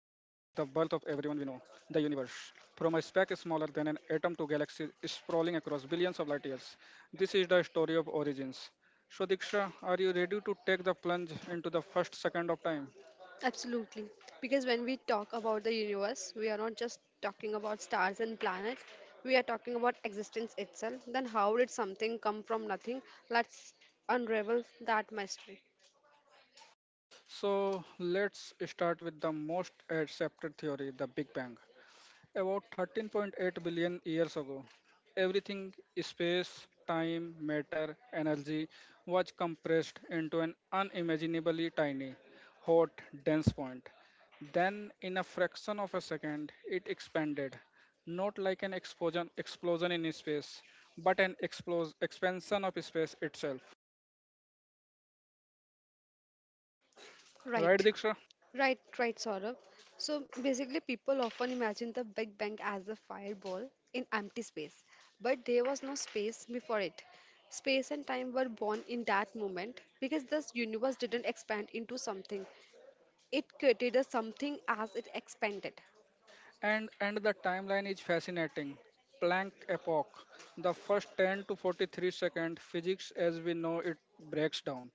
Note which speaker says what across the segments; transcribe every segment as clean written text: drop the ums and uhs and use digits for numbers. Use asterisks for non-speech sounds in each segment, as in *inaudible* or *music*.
Speaker 1: the universe. From a speck smaller than an atom to galaxies sprawling across billions of light years. This is the story of origins. So Diksha, are you ready to take the plunge into the first second of time?
Speaker 2: Absolutely. Because when we talk about the universe, we are not just talking about stars and planets, we are talking about existence itself. Then, how did something come from nothing? Let's unravel that mystery.
Speaker 1: So let's start with the most accepted theory, the Big Bang. About 13.8 billion years ago, everything space, time, matter, energy was compressed into an unimaginably tiny, hot, dense point. Then, in a fraction of a second, it expanded, not like an explosion in space, but an expansion of space itself. Right,
Speaker 2: Right,
Speaker 1: Diksha?
Speaker 2: right, right, Saurabh. So, basically, people often imagine the Big Bang as a fireball in empty space, but there was no space before it. Space and time were born in that moment because this universe didn't expand into something. It created a something as it expanded.
Speaker 1: And the timeline is fascinating. Planck epoch, the first 10 to 43 second physics as we know it breaks down.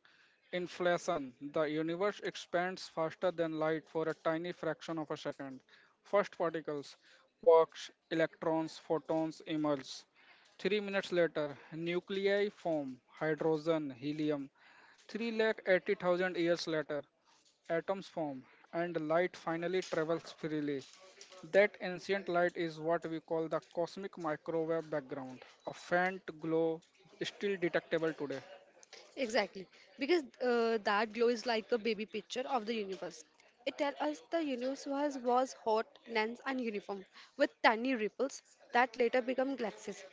Speaker 1: Inflation, the universe expands faster than light for a tiny fraction of a second. First particles, quarks, electrons, photons emerge. 3 minutes later, nuclei form, hydrogen, helium. 380,000 years later, atoms form, and light finally travels freely. That ancient light is what we call the cosmic microwave background, a faint glow still detectable today.
Speaker 2: Exactly, because that glow is like the baby picture of the universe. It tells us the universe was hot, dense, and uniform, with tiny ripples that later become galaxies.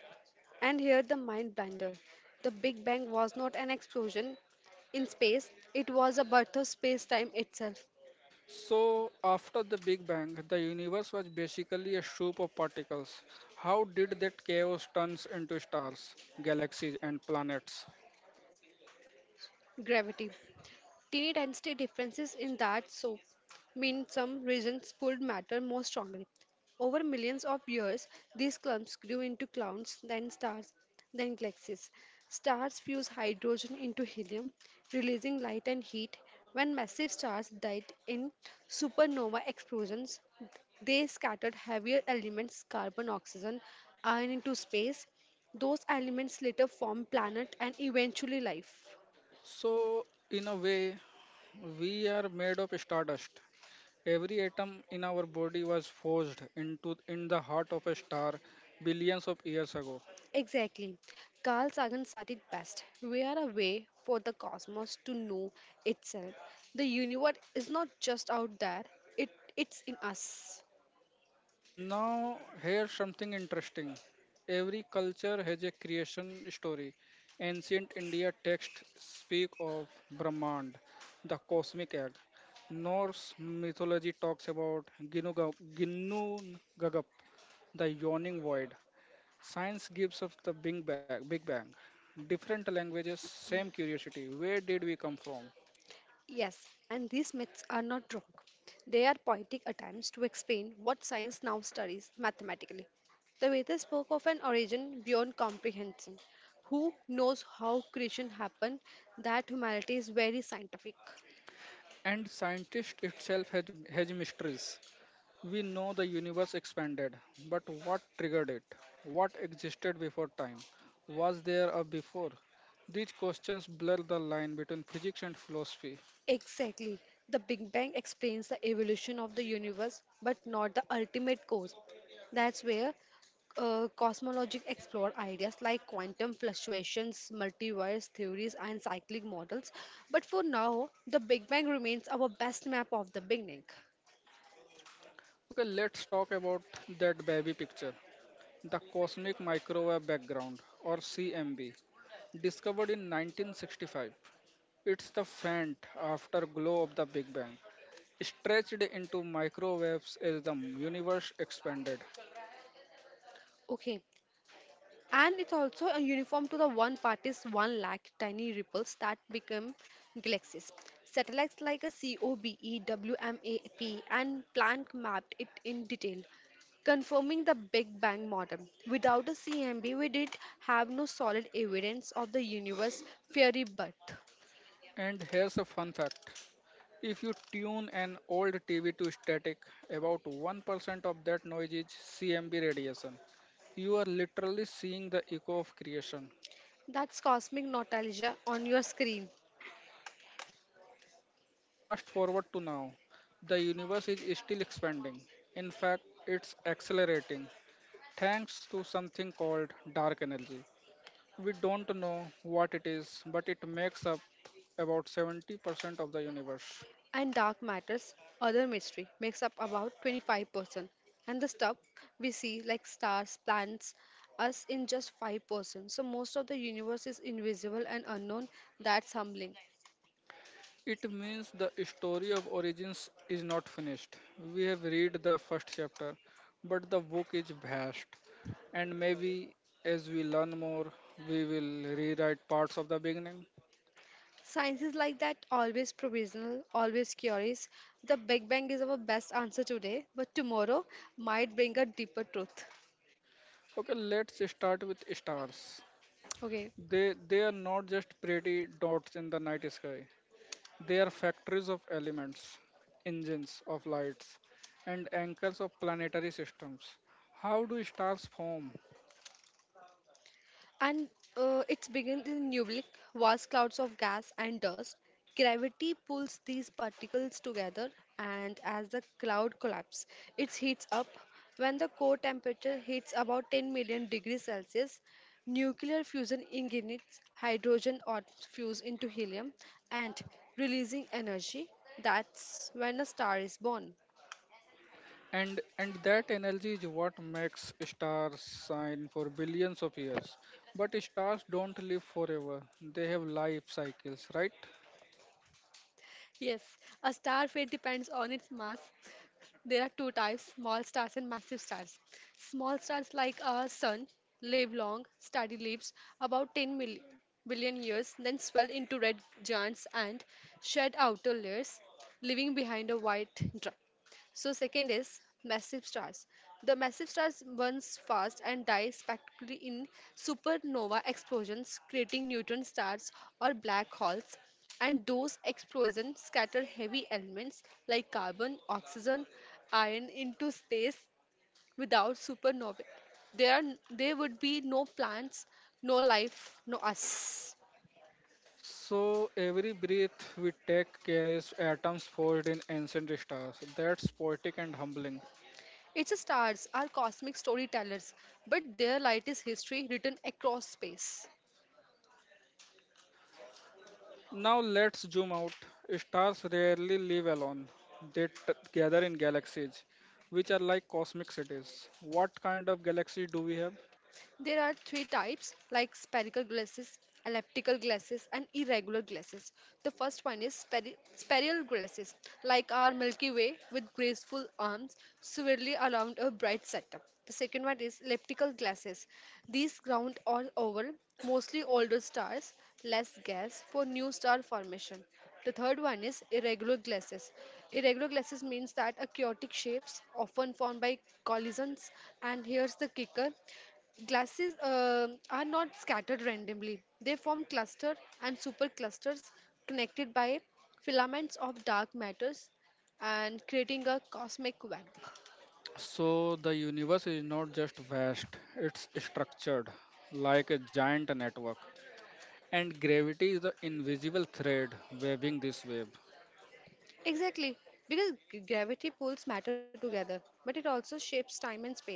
Speaker 2: And here the mind bender. The Big Bang was not an explosion in space, it was a birth of space time itself,
Speaker 1: So, after the Big Bang, the universe was basically a soup of particles. How did that chaos turns into stars, galaxies, and planets?
Speaker 2: gravity. Tiny density differences in that soap mean some regions pulled matter more strongly. Over millions of years, these clumps grew into clouds, then stars, then galaxies. Stars fuse hydrogen into helium, releasing light and heat. When massive stars died in supernova explosions, they scattered heavier elements, carbon, oxygen, iron into space. Those elements later formed planet and eventually life.
Speaker 1: So, in a way, we are made of stardust. Every atom in our body was forged into in the heart of a star billions of years ago.
Speaker 2: Exactly. Carl Sagan said it best. We are a way for the cosmos to know itself. The universe is not just out there, it, it's in us.
Speaker 1: Now, here's something interesting. Every culture has a creation story. Ancient India texts speak of Brahmand, the cosmic egg. Norse mythology talks about Ginnu Gagap, the yawning void. Science gives us the Big Bang. Big Bang. Different languages, same curiosity. Where did we come from?
Speaker 2: Yes, and these myths are not wrong. They are poetic attempts to explain what science now studies mathematically. The Vedas spoke of an origin beyond comprehension. Who knows how creation happened? That humanity is very scientific.
Speaker 1: And scientist itself has mysteries. We know the universe expanded, but what triggered it? What existed before time? Was there a before? These questions blur the line between physics and philosophy.
Speaker 2: Exactly. The Big Bang explains the evolution of the universe, but not the ultimate cause. That's where cosmologists explore ideas like quantum fluctuations, multiverse theories, and cyclic models. But for now, the Big Bang remains our best map of the beginning.
Speaker 1: Okay, let's talk about that baby picture, the cosmic microwave background or CMB, discovered in 1965. It's the faint afterglow of the Big Bang, stretched into microwaves as the universe expanded.
Speaker 2: Okay, and it's also a uniform to the one party's one lakh tiny ripples that become galaxies. Satellites like a COBE, and Planck mapped it in detail, confirming the Big Bang model. Without a CMB, we did have no solid evidence of the universe fiery birth.
Speaker 1: And here's a fun fact. If you tune an old TV to static, about 1% of that noise is CMB radiation. You are literally seeing the echo of creation.
Speaker 2: That's cosmic nostalgia on your screen.
Speaker 1: Fast forward to now, the universe is still expanding. In fact, it's accelerating thanks to something called dark energy. We don't know what it is, but it makes up about 70% of the universe.
Speaker 2: And dark matters, other mystery, makes up about 25%. And the stuff we see, like stars, planets, us in just 5%. So most of the universe is invisible and unknown. That's humbling.
Speaker 1: It means the story of origins is not finished. We have read the first chapter, but the book is vast, and maybe as we learn more, we will rewrite parts of the beginning.
Speaker 2: Science is like that, always provisional, always curious. The Big Bang is our best answer today, but tomorrow might bring a deeper truth.
Speaker 1: Okay, let's start with stars.
Speaker 2: Okay,
Speaker 1: They are not just pretty dots in the night sky. They are factories of elements, engines of lights, and anchors of planetary systems. How do stars form?
Speaker 2: and it's begins in Nublik, vast clouds of gas and dust. Gravity pulls these particles together, and as the cloud collapses, it heats up. When the core temperature hits about 10 million degrees Celsius, nuclear fusion ignites hydrogen atoms fuse into helium and releasing energy. That's when a star is born.
Speaker 1: And that energy is what makes stars shine for billions of years. But stars don't live forever. They have life cycles, right?
Speaker 2: Yes, a star fate depends on its mass. There are two types small stars and massive stars. Small stars like our sun live long, steady lives about billion years, then swell into red giants and shed outer layers, leaving behind a white dr- so second is massive stars. The massive stars burns fast and die spectacularly in supernova explosions, creating neutron stars or black holes. And those explosions scatter heavy elements like carbon, oxygen, iron into space. Without supernova, there are, there would be no plants, no life, no us.
Speaker 1: So every breath we take carries atoms forged in ancient stars. That's poetic and humbling.
Speaker 2: It's stars are cosmic storytellers, but their light is history written across space.
Speaker 1: Now let's zoom out. Stars rarely live alone. They gather in galaxies, which are like cosmic cities. What kind of galaxy do we have?
Speaker 2: There are three types like spherical glasses, elliptical glasses, and irregular glasses. The first one is spherical glasses, like our Milky Way with graceful arms swirling around a bright setup. The second one is elliptical glasses. These ground all over, mostly older stars, less gas for new star formation. The third one is irregular glasses. Irregular glasses means that a chaotic shapes often formed by collisions and here's the kicker. Glasses are not scattered randomly. They form cluster and superclusters connected by filaments of dark matters and creating a cosmic web.
Speaker 1: So the universe is not just vast, it's structured like a giant network. And gravity is the invisible thread weaving this web.
Speaker 2: Exactly, because gravity pulls matter together, but it also shapes time and space.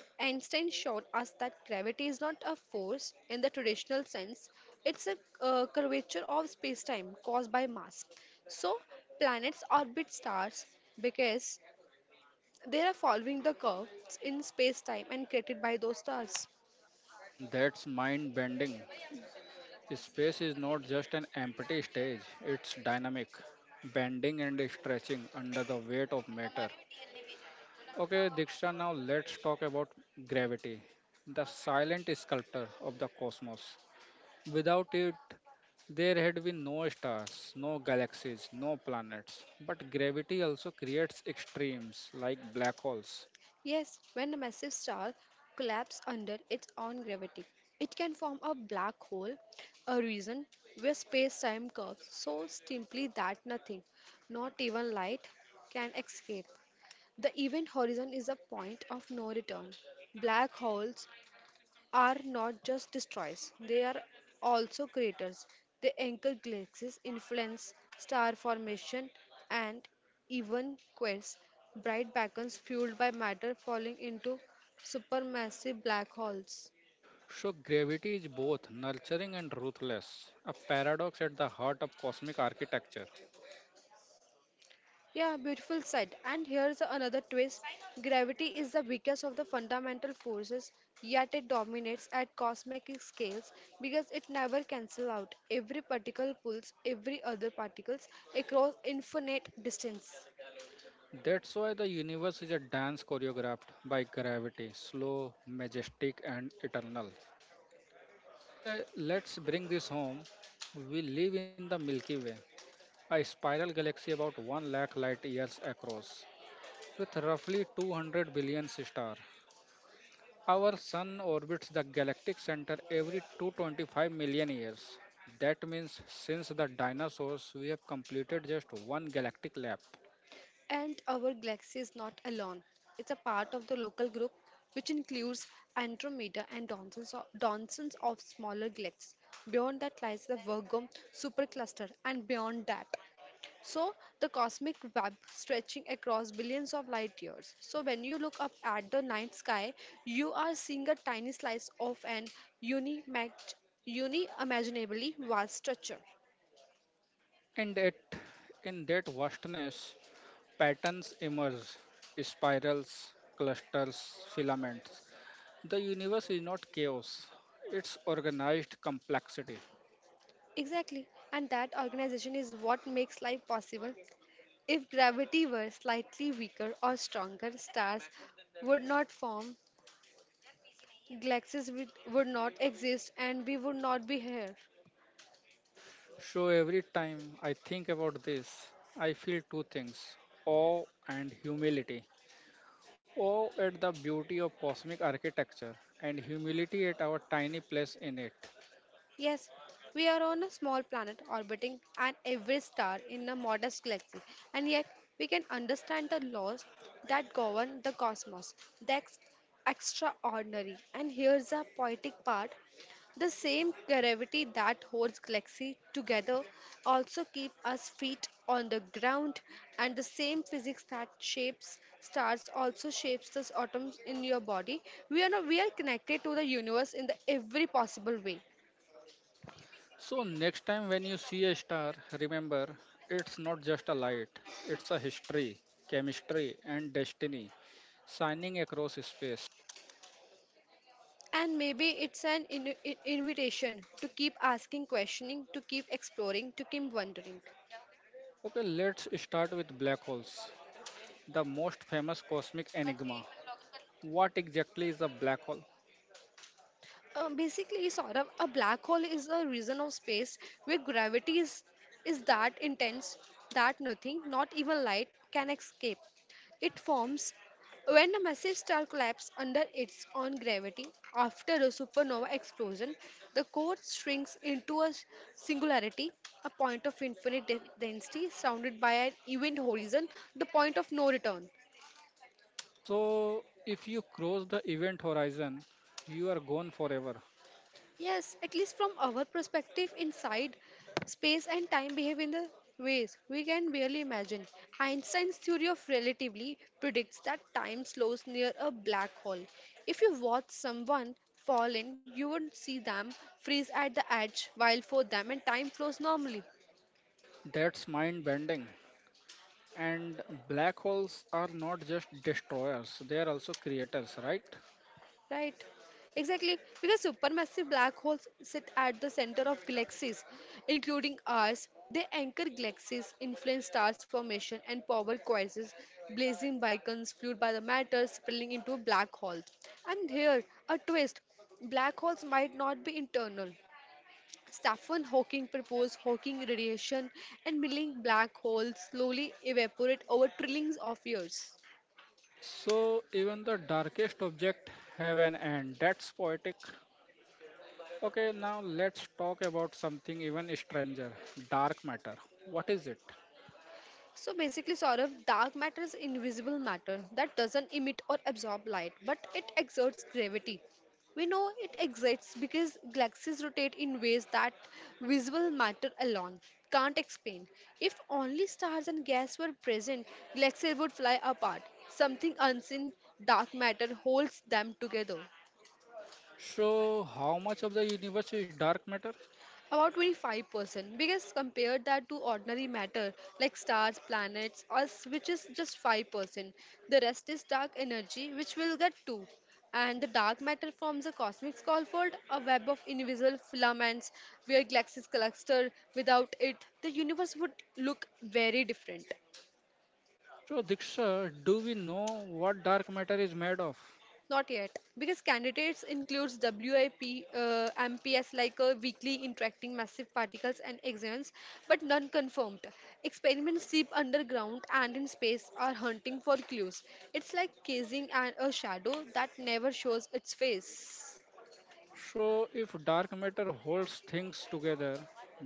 Speaker 2: Einstein showed us that gravity is not a force in the traditional sense, it's a curvature of space time caused by mass. So, planets orbit stars because they are following the curves in space time and created by those stars.
Speaker 1: That's mind bending. Space is not just an empty stage, it's dynamic, bending and stretching under the weight of matter. Okay, Diksha, now let's talk about gravity, the silent sculptor of the cosmos. Without it, there had been no stars, no galaxies, no planets. But gravity also creates extremes like black holes.
Speaker 2: Yes, when a massive star collapses under its own gravity, it can form a black hole, a region where space time curves so steeply that nothing, not even light, can escape. The event horizon is a point of no return. Black holes are not just destroyers, they are also creators. They anchor galaxies, influence star formation, and even quench bright beacons fueled by matter falling into supermassive black holes.
Speaker 1: So, gravity is both nurturing and ruthless, a paradox at the heart of cosmic architecture.
Speaker 2: Yeah, beautiful said. And here's another twist. Gravity is the weakest of the fundamental forces, yet it dominates at cosmic scales because it never cancels out. Every particle pulls every other particles across infinite distance.
Speaker 1: That's why the universe is a dance choreographed by gravity, slow, majestic, and eternal. Okay, let's bring this home. We live in the Milky Way, a spiral galaxy about 1 lakh light years across. With roughly 200 billion stars, our sun orbits the galactic center every 225 million years. That means since the dinosaurs, we have completed just one galactic lap.
Speaker 2: And our galaxy is not alone. It's a part of the local group, which includes Andromeda and dozens of smaller galaxies. Beyond that lies the Virgo supercluster, and beyond that, so, the cosmic web stretching across billions of light years. So, when you look up at the night sky, you are seeing a tiny slice of an unimag- unimaginably vast structure.
Speaker 1: And it, in that vastness, patterns emerge spirals, clusters, filaments. The universe is not chaos, it's organized complexity.
Speaker 2: Exactly, and that organization is what makes life possible. If gravity were slightly weaker or stronger, stars would not form, galaxies would not exist, and we would not be here.
Speaker 1: So every time I think about this, I feel two things awe and humility. Oh, at the beauty of cosmic architecture and humility at our tiny place in it.
Speaker 2: Yes, we are on a small planet orbiting an every star in a modest galaxy, and yet we can understand the laws that govern the cosmos. That's extraordinary. And here's a poetic part, the same gravity that holds galaxy together also keep us feet on the ground and the same physics that shapes stars also shapes the atoms in your body. We are not, We are connected to the universe in the every possible way.
Speaker 1: So, next time when you see a star, remember it's not just a light, it's a history, chemistry, and destiny shining across space.
Speaker 2: And maybe it's an invitation to keep asking, questioning, to keep exploring, to keep wondering.
Speaker 1: Okay, let's start with black holes, the most famous cosmic enigma. What exactly is a black hole?
Speaker 2: Basically, Saurabh, a black hole is a region of space where gravity is that intense that nothing, not even light, can escape. It forms when a massive star collapses under its own gravity after a supernova explosion. The core shrinks into a singularity, a point of infinite density surrounded by an event horizon, the point of no return.
Speaker 1: So, if you cross the event horizon, you are gone forever.
Speaker 2: Yes, at least from our perspective inside, space and time behave in the ways we can barely imagine. Einstein's theory of relativity predicts that time slows near a black hole. If you watch someone fall in, you would see them freeze at the edge, while for them and time flows normally.
Speaker 1: That's mind bending. And black holes are not just destroyers, they are also creators, right?
Speaker 2: Right. Exactly. Because supermassive black holes sit at the center of galaxies, including ours. They anchor galaxies, influence stars formation, and power quasars, blazing beacons fueled by the matter spilling into a black hole. And here, a twist. Black holes might not be internal. Stephen Hawking proposed Hawking radiation, and milling black holes slowly evaporate over trillions of years.
Speaker 1: So even the darkest object have an end. That's poetic. Okay, now let's talk about something even stranger, dark matter. What is it?
Speaker 2: So basically, Saurabh, dark matter is invisible matter that doesn't emit or absorb light, but it exerts gravity. We know it exists because galaxies rotate in ways that visible matter alone can't explain. If only stars and gas were present, galaxies would fly apart. Something unseen, dark matter holds them together.
Speaker 1: So how much of the universe is dark matter?
Speaker 2: About 25%, because compared that to ordinary matter like stars, planets, us, which is just 5%. The rest is dark energy, which we'll get to. And the dark matter forms a cosmic scaffold, a web of invisible filaments where galaxies cluster. Without it, the universe would look very different.
Speaker 1: So Diksha, do we know what dark matter is made of?
Speaker 2: Not yet, because candidates includes WIP, MPS like a weekly interacting massive particles and exons, but none confirmed. Experiments deep underground and in space are hunting for clues. It's like casing a shadow that never shows its face.
Speaker 1: So if dark matter holds things together,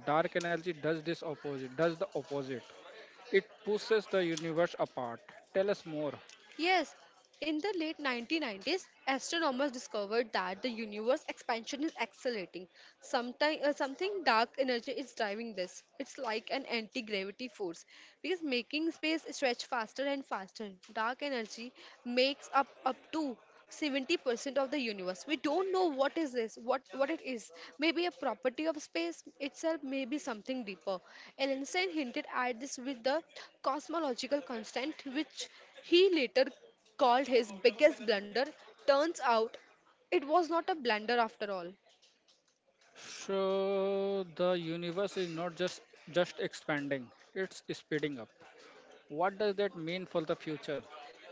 Speaker 1: dark energy does the opposite. It pushes the universe apart. Tell us more.
Speaker 2: Yes, in the late 1990s, astronomers discovered that the universe expansion is accelerating. Sometime, something dark energy is driving this. It's like an anti-gravity force because making space stretch faster and faster. Dark energy makes up up to 70% of the universe. We don't know what is this what it is. Maybe a property of space itself, maybe something deeper. Einstein hinted at this with the cosmological constant which he later called his biggest blunder. Turns out it was not a blunder after all.
Speaker 1: So the universe is not just expanding, it's speeding up. What does that mean for the future?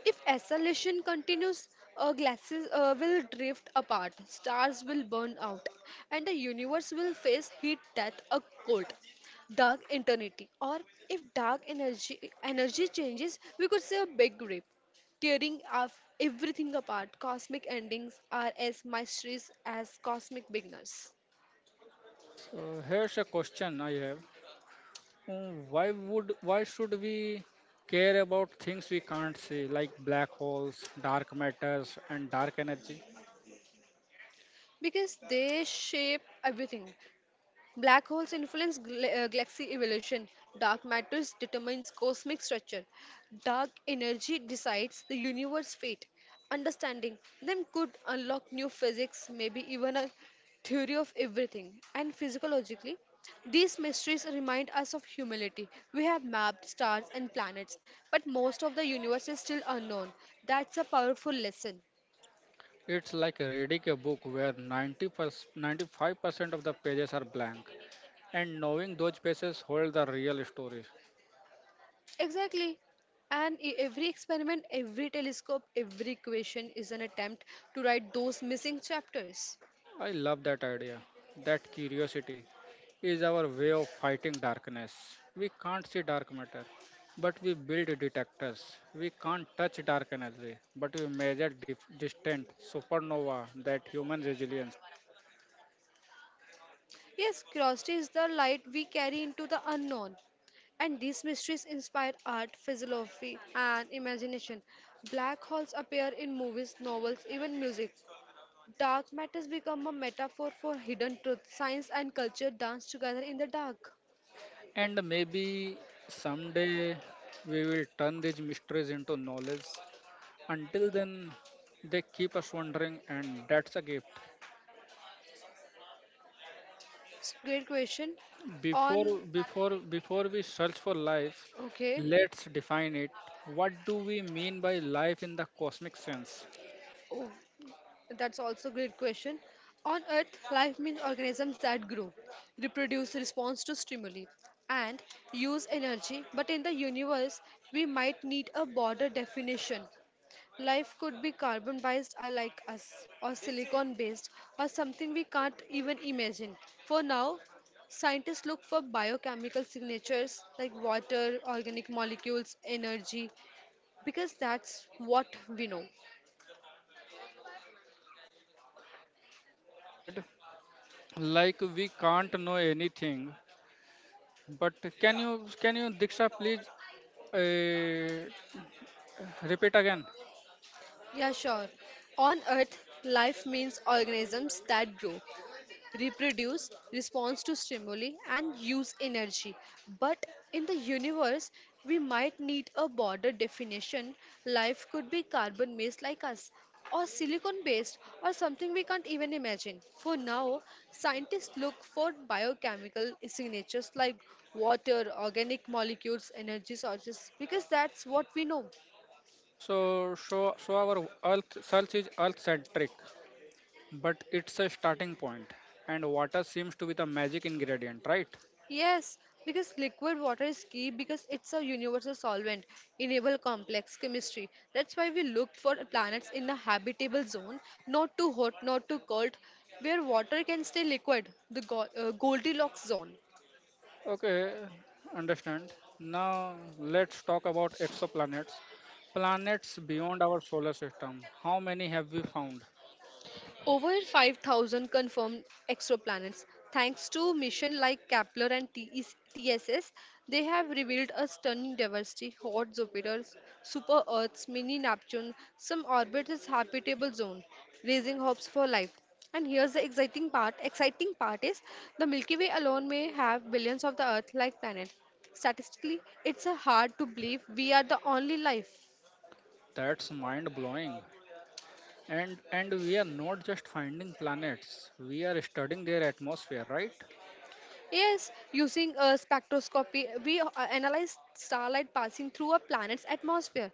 Speaker 2: If acceleration continues, glasses will drift apart, stars will burn out, and the universe will face heat death, a cold, dark eternity. Or if dark energy energy changes, we could say a big rip, tearing off everything apart. Cosmic endings are as mysterious as cosmic beginners
Speaker 1: So here's a question I have. Why should we care about things we can't see like black holes, dark matters and dark energy?
Speaker 2: because they shape everything. Black holes influence galaxy evolution. Dark matter determines cosmic structure. Dark energy decides the universe's fate. Understanding them could unlock new physics, maybe even a theory of everything. And physiologically, these mysteries remind us of humility. We have mapped stars and planets, but most of the universe is still unknown. That's a powerful lesson.
Speaker 1: It's like reading a book where 90 95% of the pages are blank and knowing those pages hold the real story.
Speaker 2: Exactly. And every experiment, every telescope, every equation is an attempt to write those missing chapters.
Speaker 1: I love that idea. That curiosity is our way of fighting darkness. We can't see dark matter, but we build detectors. We can't touch dark energy, but we measure distant supernova, that human resilience.
Speaker 2: Yes, curiosity is the light we carry into the unknown. And these mysteries inspire art, philosophy, and imagination. Black holes appear in movies, novels, even music. Dark matters become a metaphor for hidden truth. Science and culture dance together in the dark.
Speaker 1: And maybe someday we will turn these mysteries into knowledge. Until then, they keep us wondering, and that's a gift.
Speaker 2: It's great question. On
Speaker 1: Before we search for life,
Speaker 2: okay,
Speaker 1: let's define it. What do we mean by life in the cosmic sense?
Speaker 2: oh, that's also a great question. On Earth, life means organisms that grow, reproduce, response to stimuli, and use energy. But in the universe, we might need a broader definition. Life could be carbon based, or like us, or silicon based, or something we can't even imagine. For now, scientists look for biochemical signatures like water, organic molecules, energy, because that's what we know.
Speaker 1: Said, like we can't know anything, but can you Diksha please uh, repeat again?
Speaker 2: Yeah, sure. On Earth, life means organisms that grow, reproduce, respond to stimuli, and use energy. But in the universe, we might need a broader definition. Life could be carbon based, like us, or silicon based, or something we can't even imagine. For now, scientists look for biochemical signatures like water, organic molecules, energy sources, because that's what we know.
Speaker 1: So our Earth search is Earth-centric, but it's a starting point, and water seems to be the magic ingredient, right?
Speaker 2: Yes, because liquid water is key because it's a universal solvent, enable complex chemistry. That's why we looked for planets in a habitable zone, not too hot, not too cold, where water can stay liquid, the Goldilocks zone.
Speaker 1: Okay, understand. Now let's talk about exoplanets. Planets beyond our solar system. How many have we found?
Speaker 2: Over 5,000 confirmed exoplanets. Thanks to missions like Kepler and TES, they have revealed a stunning diversity hot Jupiters, super Earths, mini Neptune, some orbit is habitable zone, raising hopes for life. And here's the exciting part. Exciting part is the Milky Way alone may have billions of the Earth-like planets. Statistically, it's a hard to believe we are the only life.
Speaker 1: That's mind blowing. And we are not just finding planets. We are studying their atmosphere, right?
Speaker 2: Yes, using a spectroscopy, we analyze starlight passing through a planet's atmosphere.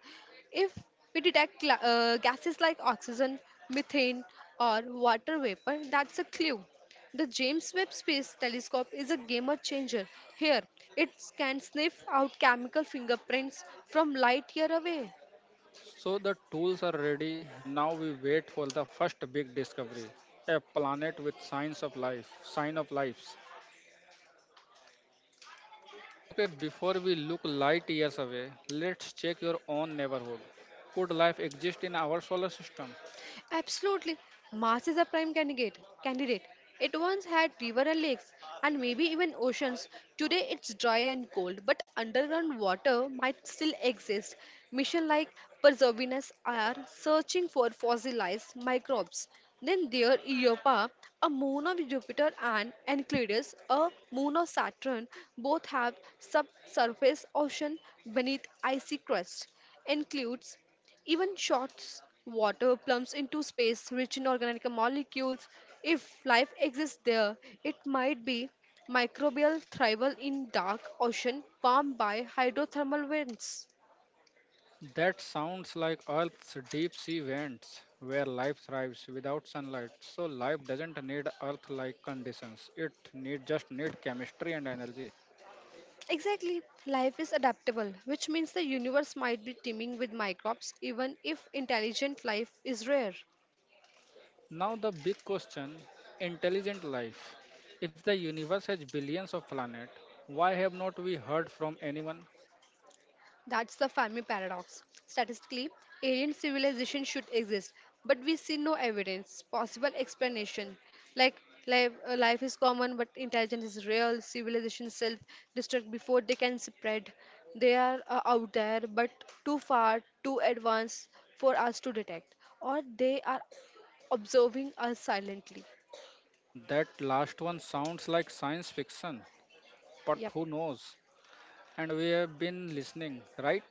Speaker 2: If we detect gases like oxygen, methane, or water vapor, that's a clue. The James Webb Space Telescope is a game changer. Here, it can sniff out chemical fingerprints from light year away.
Speaker 1: So the tools are ready. Now we wait for the first big discovery. A planet with signs of life, sign of lives. Okay, before we look light years away, let's check your own neighborhood. Could life exist in our solar system?
Speaker 2: Absolutely. Mars is a prime candidate. Candidate. It once had river and lakes, and maybe even oceans. Today it's dry and cold, but underground water might still exist. Mission like Perseverance are searching for fossilized microbes. Then there Europa, a moon of Jupiter, and Enceladus, a moon of Saturn, both have subsurface ocean beneath icy crust. Includes even shots water plumps into space rich in organic molecules. If life exists there, it might be microbial thrival in dark ocean warmed by hydrothermal vents.
Speaker 1: That sounds like Earth's deep sea vents, where life thrives without sunlight. So life doesn't need Earth-like conditions. It need just need chemistry and energy.
Speaker 2: Exactly, life is adaptable, which means the universe might be teeming with microbes even if intelligent life is rare.
Speaker 1: Now the big question: intelligent life. If the universe has billions of planets, why have not we heard from anyone?
Speaker 2: That's the family paradox. Statistically, alien civilization should exist, but we see no evidence, possible explanation. Like life, life is common, but intelligence is real. Civilization self destruct before they can spread. They are out there, but too far, too advanced for us to detect, or they are observing us silently.
Speaker 1: That last one sounds like science fiction, but
Speaker 2: Yep,
Speaker 1: who knows? And we have been listening, right?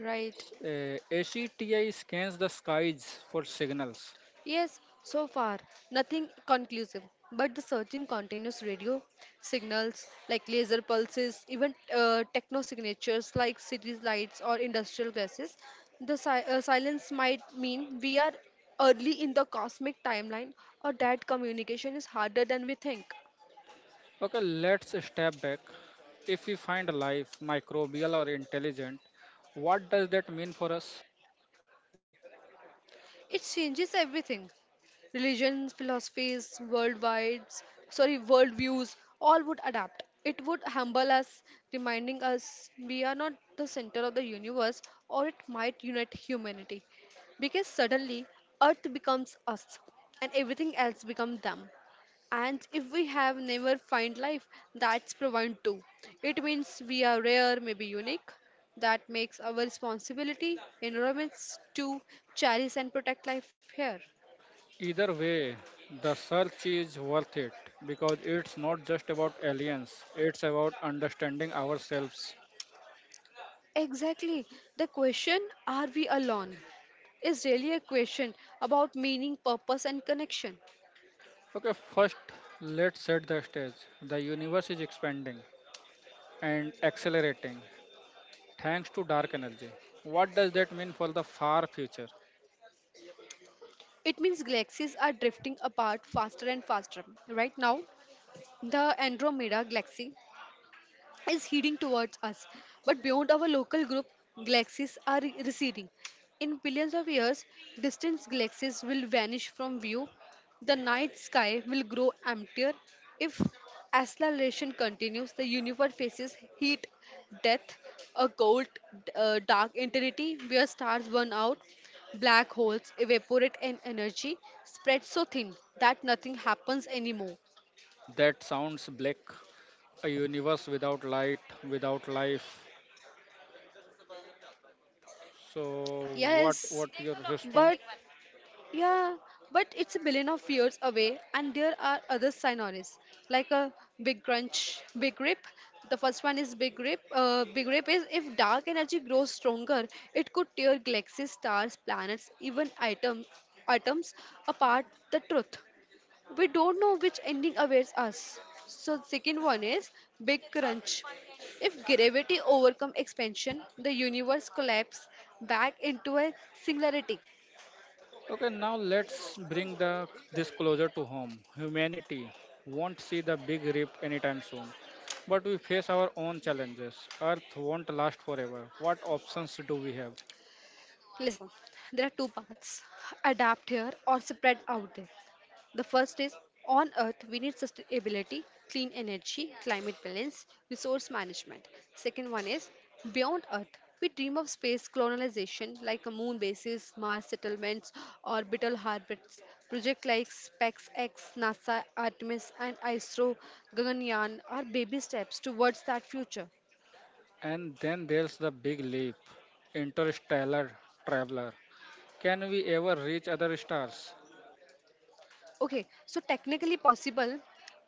Speaker 2: right.
Speaker 1: ACTI scans the skies for signals.
Speaker 2: Yes, so far, nothing conclusive. But the searching continues radio signals like laser pulses, even techno signatures like city lights or industrial gases. The silence might mean we are early in the cosmic timeline or that communication is harder than we think.
Speaker 1: Okay, let's step back. If we find life, microbial or intelligent, what does that mean for us?
Speaker 2: It changes everything religions, philosophies, worldwide, sorry, worldviews, all would adapt. It would humble us, reminding us we are not the center of the universe, or it might unite humanity. Because suddenly, Earth becomes us, and everything else becomes them. And if we have never find life, that's profound too. It means we are rare, maybe unique. That makes our responsibility, environments, to cherish and protect life here.
Speaker 1: Either way, the search is worth it because it's not just about aliens, it's about understanding ourselves.
Speaker 2: Exactly. The question, are we alone, is really a question about meaning, purpose, and connection.
Speaker 1: Okay, first, let's set the stage. The universe is expanding and accelerating thanks to dark energy. What does that mean for the far future?
Speaker 2: It means galaxies are drifting apart faster and faster. Right now, the Andromeda galaxy is heading towards us. But beyond our local group, galaxies are receding. In billions of years, distant galaxies will vanish from view. The night sky will grow emptier. If acceleration continues, the universe faces heat, death, a cold, dark eternity where stars burn out, black holes evaporate, and energy spreads so thin that nothing happens anymore.
Speaker 1: That sounds black. A universe without light, without life. So what
Speaker 2: Yes,
Speaker 1: what your response?
Speaker 2: but Yeah, but it's a billion of years away, and there are other sinoris like a big crunch, big rip. The first one is big rip. Big rip is if dark energy grows stronger, it could tear galaxies, stars, planets, even items, atoms apart. The truth, we don't know which ending awaits us. So second one is big crunch. If gravity overcome expansion, the universe collapses back into a singularity.
Speaker 1: Okay, now let's bring the this closer to home. Humanity won't see the big rip anytime soon. But we face our own challenges. Earth won't last forever. What options do we have?
Speaker 2: Listen, there are two paths adapt here or spread out there. The first is on earth, we need sustainability, clean energy, climate balance, resource management. Second one is beyond earth. We dream of space colonization like a moon bases, Mars settlements, orbital harbors. Projects like SpaceX, NASA, Artemis, and ISRO, Gaganyaan are baby steps towards that future.
Speaker 1: And then there's the big leap interstellar traveler. Can we ever reach other stars?
Speaker 2: Okay, so technically possible,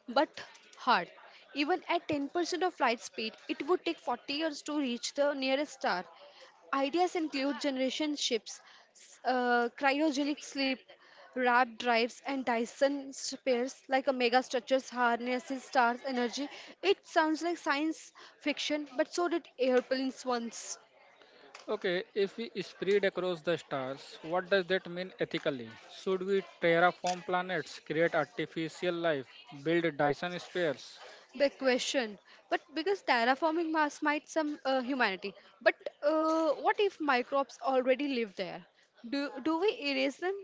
Speaker 2: but hard. Even at 10% of light speed, it would take 40 years to reach the nearest star. Ideas include generation ships, cryogenic sleep, RAB drives, and Dyson spheres like a mega structures harnesses stars energy. It sounds like science fiction, but so did airplanes once.
Speaker 1: Okay, if we spread across the stars, what does that mean ethically? Should we terraform planets, create artificial life, build Dyson spheres?
Speaker 2: Big question. But because terraforming Mars might some humanity. But what if microbes already live there? Do we erase them?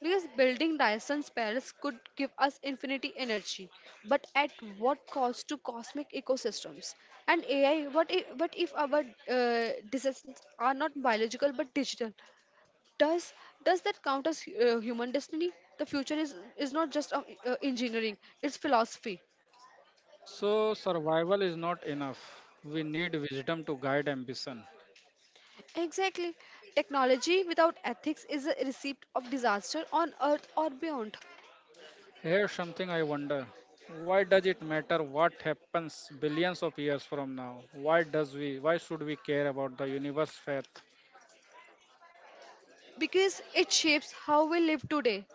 Speaker 2: Because building Dyson's Paris could give us infinity energy, but at what cost to cosmic ecosystems? And AI, what if our disasters are not biological but digital? Does does that count as human destiny? The future is not just engineering; it's philosophy.
Speaker 1: So, survival is not enough. We need wisdom to guide ambition.
Speaker 2: Exactly. Technology without ethics is a recipe of disaster on earth or beyond
Speaker 1: Here's something I wonder. Why does it matter what happens billions of years from now? Why should we care about the universe faith?
Speaker 2: because it shapes how we live today.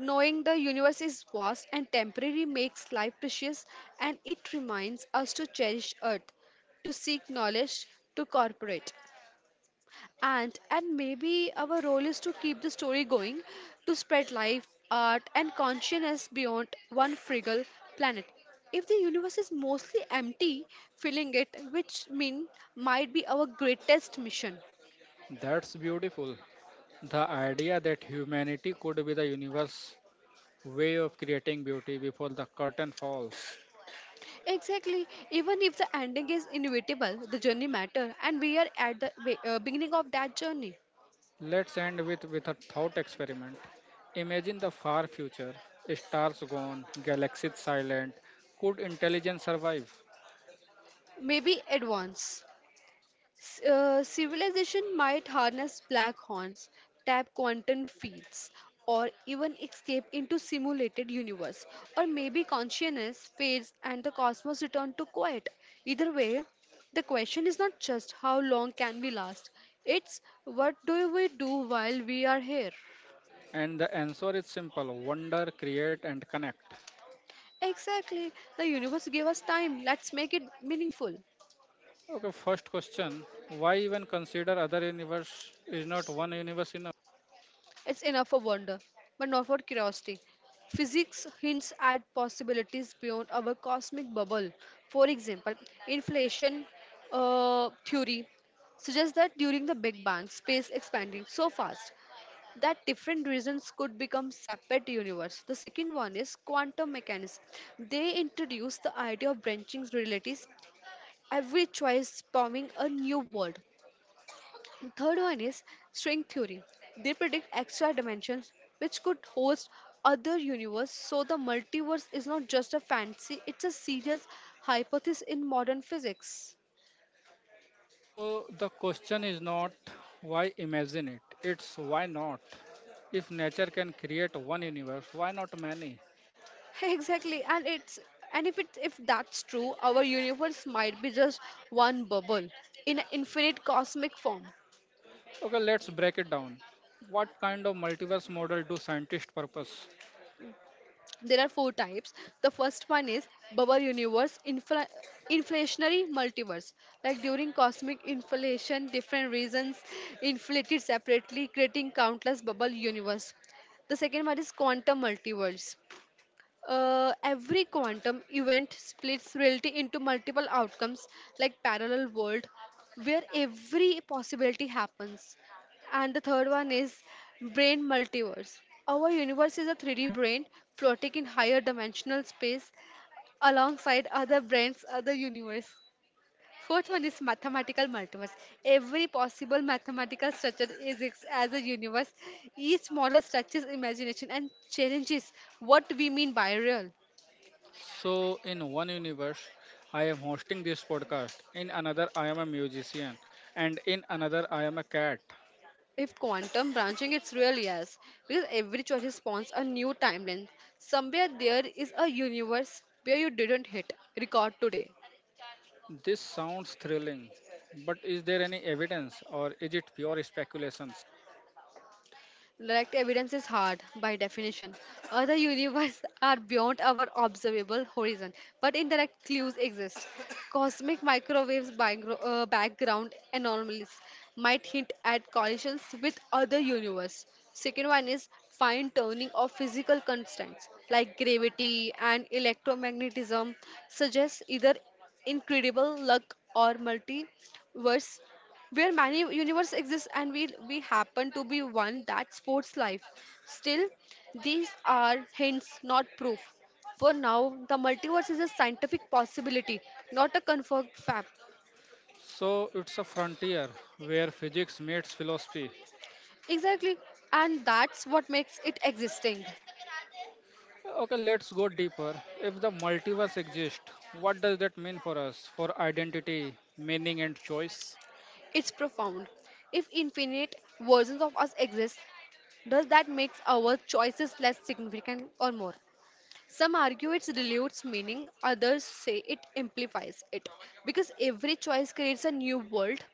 Speaker 2: Knowing the universe is vast and temporary makes life precious and it reminds us to cherish earth, to seek knowledge, to cooperate. And maybe our role is to keep the story going, to spread life, art, and consciousness beyond one frugal planet. If the universe is mostly empty, filling it, which mean might be our greatest mission.
Speaker 1: That's beautiful. The idea that humanity could be the universe way of creating beauty before the curtain falls.
Speaker 2: Exactly. Even if the ending is inevitable, the journey matter, and we are at the beginning of that journey.
Speaker 1: Let's end with a thought experiment. Imagine the far future, stars gone, galaxies silent. Could intelligence survive?
Speaker 2: Maybe advance. Civilization might harness black horns, tap quantum fields, or even escape into simulated universe, or maybe consciousness fades and the cosmos return to quiet. Either way, the question is not just how long can we last, it's what do we do while we are here.
Speaker 1: And the answer is simple wonder, create, and connect.
Speaker 2: Exactly, the universe gave us time. Let's make it meaningful.
Speaker 1: Okay, first question. Why even consider other universe? Is not one universe enough?
Speaker 2: It's enough for wonder, but not for curiosity. Physics hints at possibilities beyond our cosmic bubble. For example, inflation theory suggests that during the Big Bang, space expanded so fast that different regions could become separate universe. The second one is quantum mechanics. They introduce the idea of branching realities, every choice spawning a new world. The third one is string theory. They predict extra dimensions which could host other universe so the multiverse is not just a fancy it's a serious hypothesis in modern physics.
Speaker 1: So the question is not why imagine it, it's why not? If nature can create one universe, why not many?
Speaker 2: *laughs* Exactly, and it's and if it if that's true our universe might be just one bubble in an infinite cosmic form.
Speaker 1: Okay, let's break it down. What kind of multiverse model do scientists purpose?
Speaker 2: There are four types. The first one is bubble universe inflationary multiverse, like during cosmic inflation different regions inflated separately creating countless bubble universe. The second one is quantum multiverse. Every quantum event splits reality into multiple outcomes, like parallel world, where every possibility happens. And the third one is brain multiverse. Our universe is a 3D brain floating in higher dimensional space alongside other brains, other universe. Fourth one is mathematical multiverse. Every possible mathematical structure is ex- as a universe. Each model stretches imagination and challenges what we mean by real.
Speaker 1: So, in one universe, I am hosting this podcast. In another, I am a musician. And in another, I am a cat.
Speaker 2: If quantum branching, it's real, yes. Because every choice spawns a new timeline. Somewhere there is a universe where you didn't hit record today.
Speaker 1: This sounds thrilling, but is there any evidence or is it pure speculations?
Speaker 2: Direct evidence is hard by definition. Other universes are beyond our observable horizon, but indirect clues exist. Cosmic microwaves background anomalies might hint at collisions with other universes. Second one is fine tuning of physical constants like gravity and electromagnetism suggests either incredible luck or multiverse where many universe exist and we happen to be one that sports life still these are hints not proof for now the multiverse is a scientific possibility not a confirmed fact
Speaker 1: So, it's a frontier where physics meets philosophy.
Speaker 2: exactly and that's what makes it existing
Speaker 1: Okay, let's go deeper. If the multiverse exists, what does that mean for us, for identity, meaning, and choice?
Speaker 2: it's profound if infinite versions of us exist does that make our choices less significant or more. Some argue it dilutes meaning, others say it amplifies it because every choice creates a new world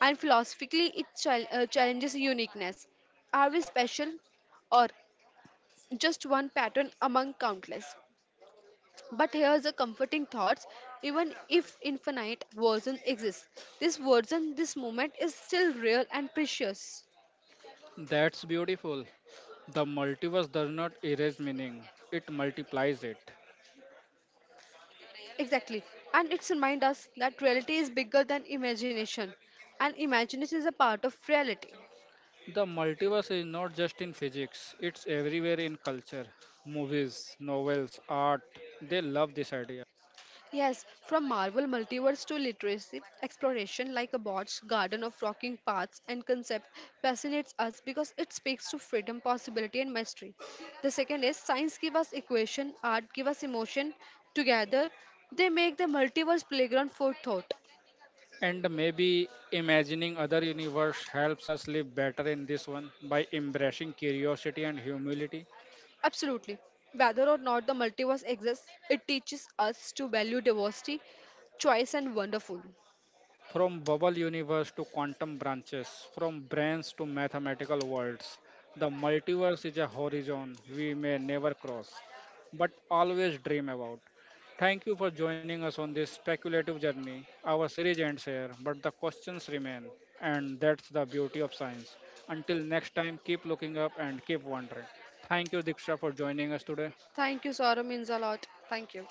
Speaker 2: and philosophically it challenges uniqueness. Are we special or just one pattern among countless? But here's a comforting thought even if infinite version exists, this version, this moment is still real and precious.
Speaker 1: That's beautiful. The multiverse does not erase meaning, it multiplies it.
Speaker 2: Exactly. And it's remind us that reality is bigger than imagination and imagination is a part of reality.
Speaker 1: The multiverse is not just in physics, it's everywhere in culture, movies, novels, art. They love this idea.
Speaker 2: Yes, from Marvel multiverse to literacy, exploration like a bot's garden of rocking paths and concept fascinates us because it speaks to freedom, possibility, and mystery. The second is science give us equation, art give us emotion. Together, they make the multiverse playground for thought.
Speaker 1: And maybe imagining other universe helps us live better in this one by embracing curiosity and humility.
Speaker 2: Absolutely. Whether or not the multiverse exists, it teaches us to value diversity, choice, and wonderful.
Speaker 1: From bubble universe to quantum branches, from brains to mathematical worlds, the multiverse is a horizon we may never cross, but always dream about. Thank you for joining us on this speculative journey. Our series ends here, but the questions remain, and that's the beauty of science. Until next time, keep looking up and keep wondering. Thank you, Diksha, for joining us today.
Speaker 2: Thank you, Sara means a lot. Thank you.